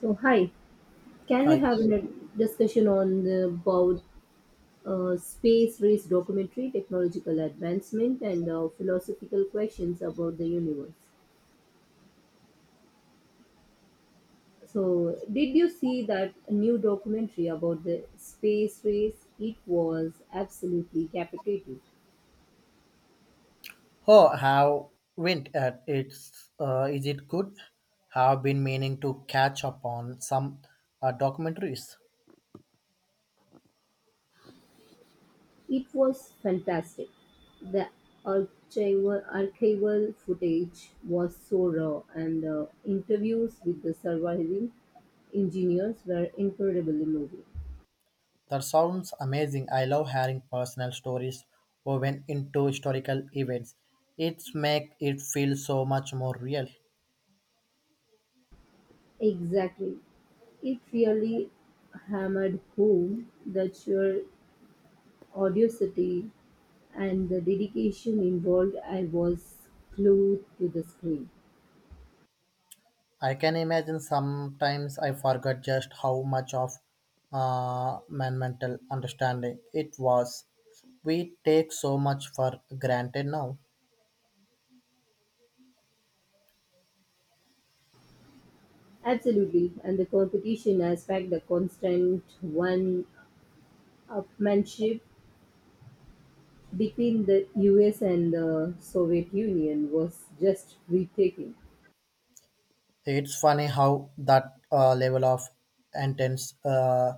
So, hi, can we Hi. have a discussion on about space race documentary, technological advancement, and philosophical questions about the universe? So, did you see that new documentary about the space race? It was absolutely captivating. Oh, have went at it's is it good? Have been meaning to catch up on some documentaries. It was fantastic. The archival footage was so raw, and interviews with the surviving engineers were incredibly moving. That sounds amazing. I love hearing personal stories woven into historical events. It's make it feel so much more real. Exactly. It really hammered home the sheer audacity and the dedication involved. I was glued to the screen. I can imagine sometimes I forgot just how much of my mental understanding it was. We take so much for granted now. Absolutely. And the competition aspect, the constant one upmanship between the US and the Soviet Union was just breathtaking. It's funny how that level of intense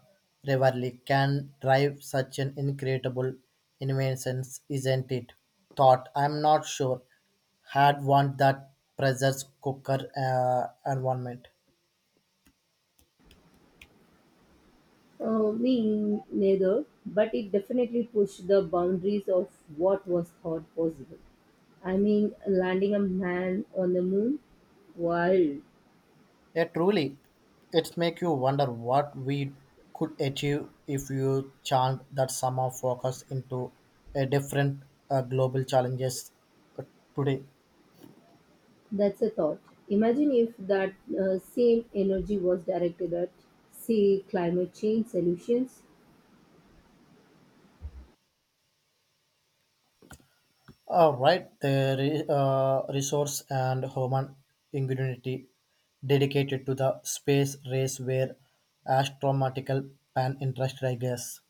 rivalry can drive such an incredible invention, isn't it? Thought I'm not sure had want that pressure cooker environment. Me neither, but it definitely pushed the boundaries of what was thought possible. I mean, landing a man on the moon? Wild. Yeah, truly, it's make you wonder what we could achieve if you chant that somehow focus into a different global challenges uh, today. That's a thought. Imagine if that same energy was directed at, say, climate change solutions. Alright, the resource and human ingenuity dedicated to the space race were astronomical and interested, I guess.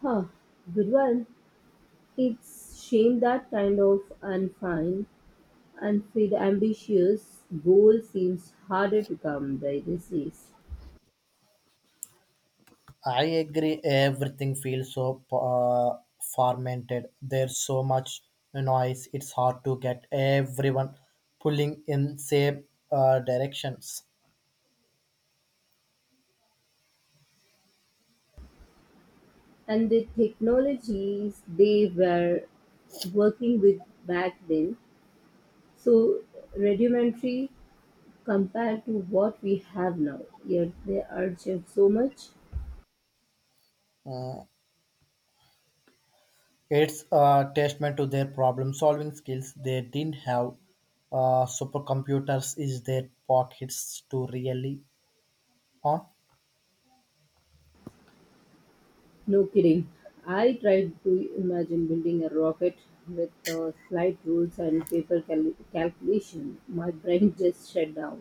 Huh, good one. It's shame that kind of unfine, unfit, ambitious goal seems harder to come by these days. I agree, everything feels so fermented. There's so much noise, it's hard to get everyone pulling in same directions. And the technologies they were working with back then so rudimentary compared to what we have now, yet they are just so much. It's a testament to their problem-solving skills. They didn't have supercomputers is their pockets to really on. No kidding. I tried to imagine building a rocket with flight rules and paper calculation. My brain just shut down.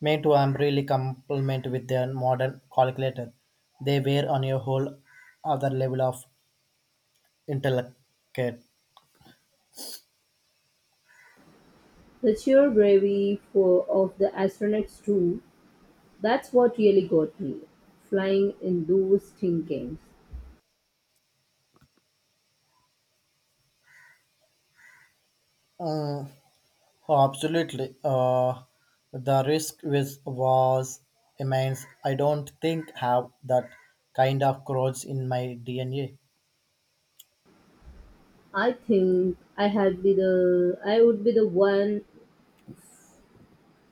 Me too, I'm really compliment with their modern calculator. They were on a whole other level of intellect. The sheer bravery for of the astronauts too, that's what really got me, flying in those thin games. Uh, Absolutely. The risk was immense. I don't think have that kind of growth in my DNA. I think I would be the one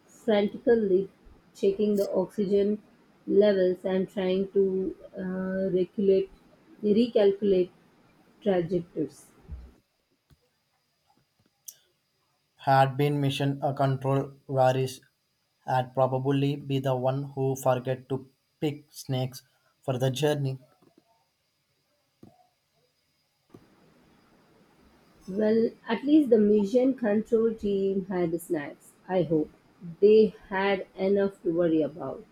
frantically checking the oxygen levels and trying to regulate recalculate trajectories. Had been mission control Varys had probably be the one who forget to pick snakes for the journey. Well, at least the mission control team had snacks. I hope they had enough to worry about.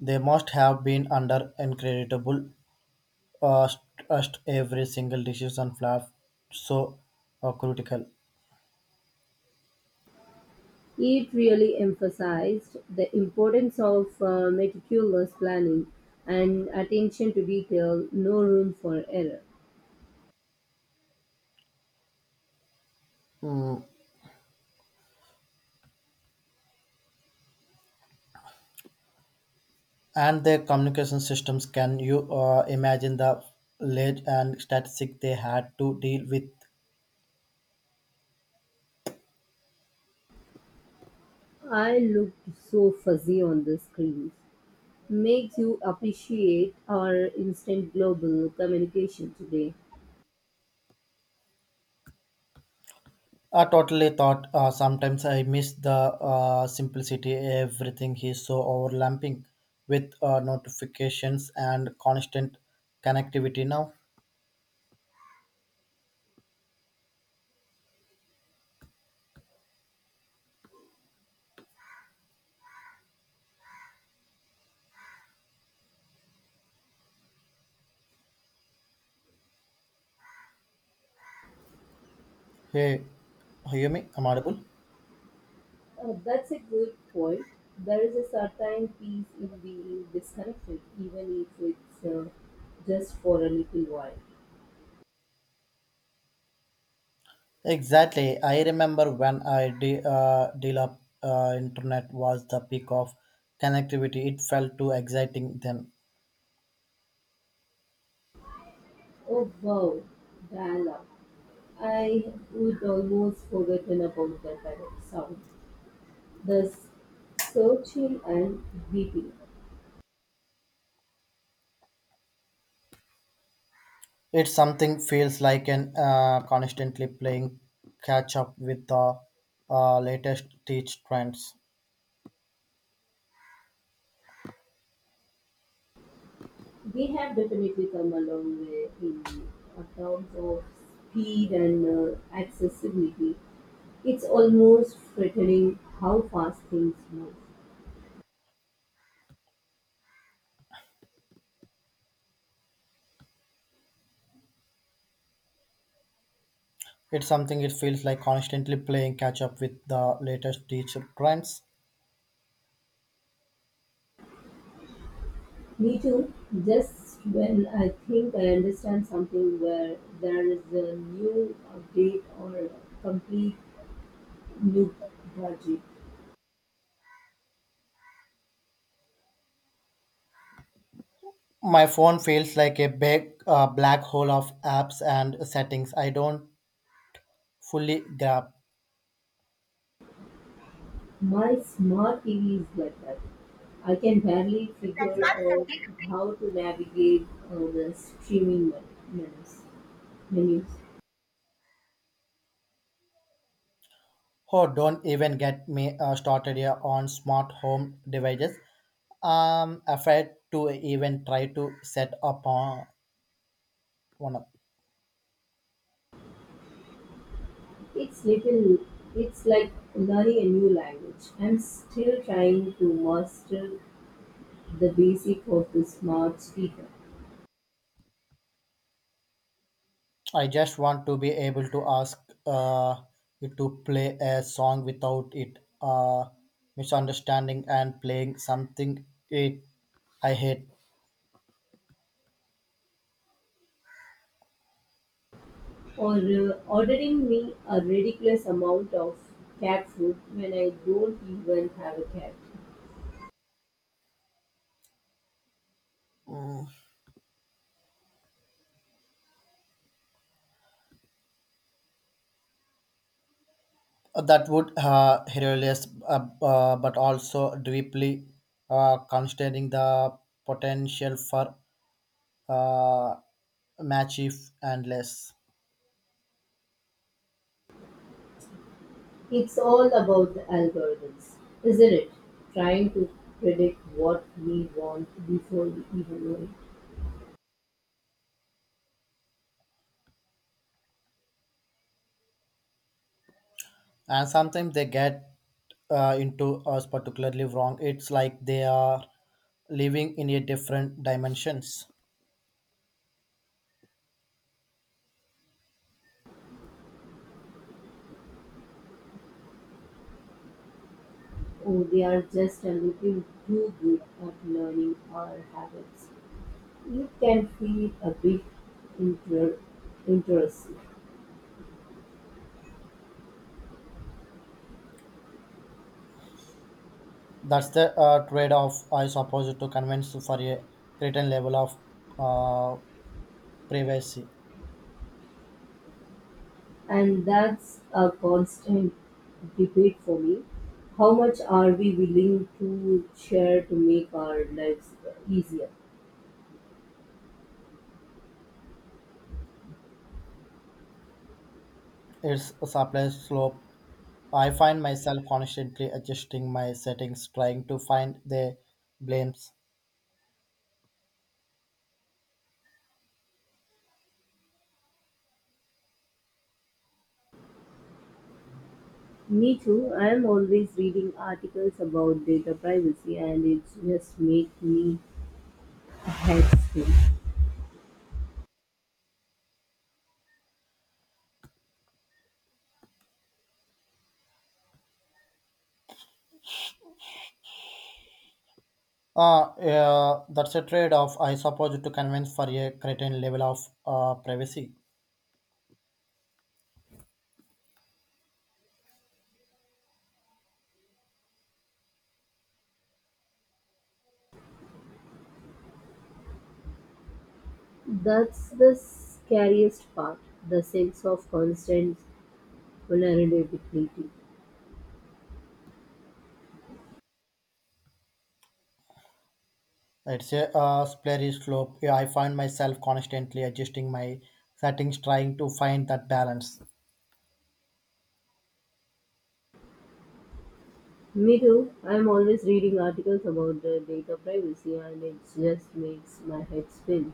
They must have been under incredible stress every single decision flap so critical. It really emphasized the importance of meticulous planning and attention to detail, no room for error. Mm, and their communication systems, can you imagine the ledge and statistic they had to deal with. I looked so fuzzy on the screens. Makes you appreciate our instant global communication today. I totally thought sometimes I miss the simplicity. Everything is so overlapping with notifications and constant connectivity now. Hey, hear me? I'm audible. That's a good point. There is a certain peace in being disconnected, even if it's just for a little while. Exactly. I remember when I deal up internet was the peak of connectivity. It felt too exciting then. Oh wow, dial up. I would almost forgotten about that kind of sound. The searching and beeping. It's something feels like an constantly playing catch up with the latest teach trends. We have definitely come a long way in terms of speed and accessibility. It's almost frightening how fast things move. It's something it feels like constantly playing catch up with the latest teacher crimes. Me too. Just when I think I understand something, where there is a new update or a complete new project. My phone feels like a big black hole of apps and settings I don't fully grab. My smart TV is like that. I can barely figure out how to navigate uh, the streaming men- menus. menus. Oh, don't even get me started here on smart home devices. I'm afraid to even try to set up on one. Up. It's little. It's like learning a new language. I'm still trying to master the basic of the smart speaker, I just want to be able to ask uh, you to play a song without it misunderstanding and playing something it I hate. or ordering me a ridiculous amount of cat food when I don't even have a cat. That would hilarious, but also deeply constraining the potential for uh, mischief and less. It's all about the algorithms, isn't it? Trying to predict what we want before we even know it. And sometimes they get into us particularly wrong. It's like they are living in a different dimensions. Oh, they are just a little too good at learning our habits. You can feel a bit inter- interest. That's the trade-off, I suppose, to convince for a certain level of uh, privacy. And that's a constant debate for me. How much are we willing to share to make our lives easier? It's a surplus slope. I find myself constantly adjusting my settings, trying to find the blames. Me too. I'm always reading articles about data privacy and it just makes me head spin. Yeah, that's a trade-off, I suppose, to convince for a certain level of privacy. That's the scariest part, the sense of constant vulnerability. It's a slippery slope. Yeah, I find myself constantly adjusting my settings, trying to find that balance. Me too. I'm always reading articles about the data privacy and it just makes my head spin.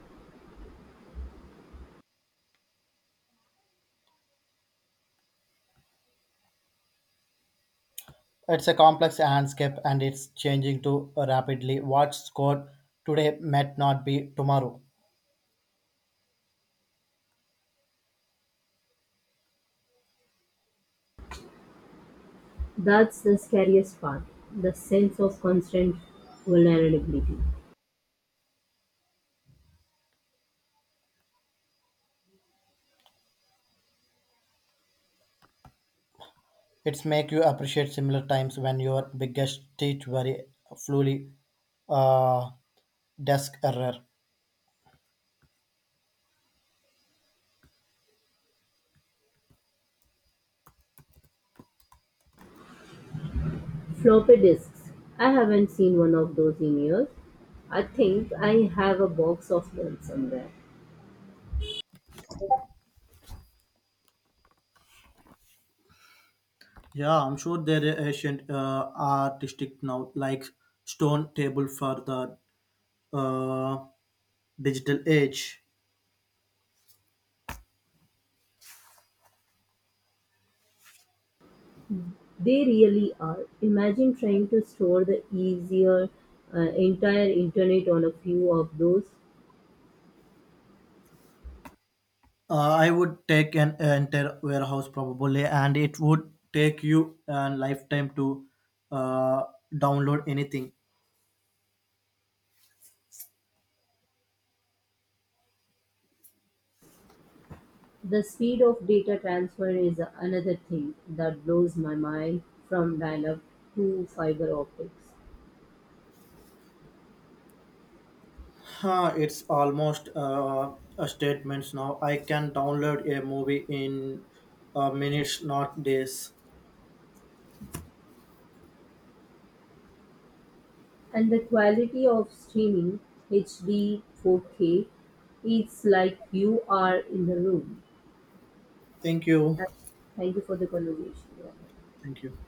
It's a complex landscape and it's changing too rapidly. What's good today might not be tomorrow. That's the scariest part, the sense of constant vulnerability. It's make you appreciate similar times when your biggest teach very fully uh, desk error. Floppy disks. I haven't seen one of those in years. I think I have a box of them somewhere. Yeah, I'm sure they're ancient artistic now, like stone table for the uh, digital age. They really are. Imagine trying to store the easier entire internet on a few of those. I would take an entire warehouse probably, and it would take you a lifetime to uh, download anything. The speed of data transfer is another thing that blows my mind, from dial up to fiber optics. Huh, it's almost a statement now. I can download a movie in minutes, not days. And the quality of streaming HD 4K, it's like you are in the room. Thank you. Thank you for the conversation. Yeah. Thank you.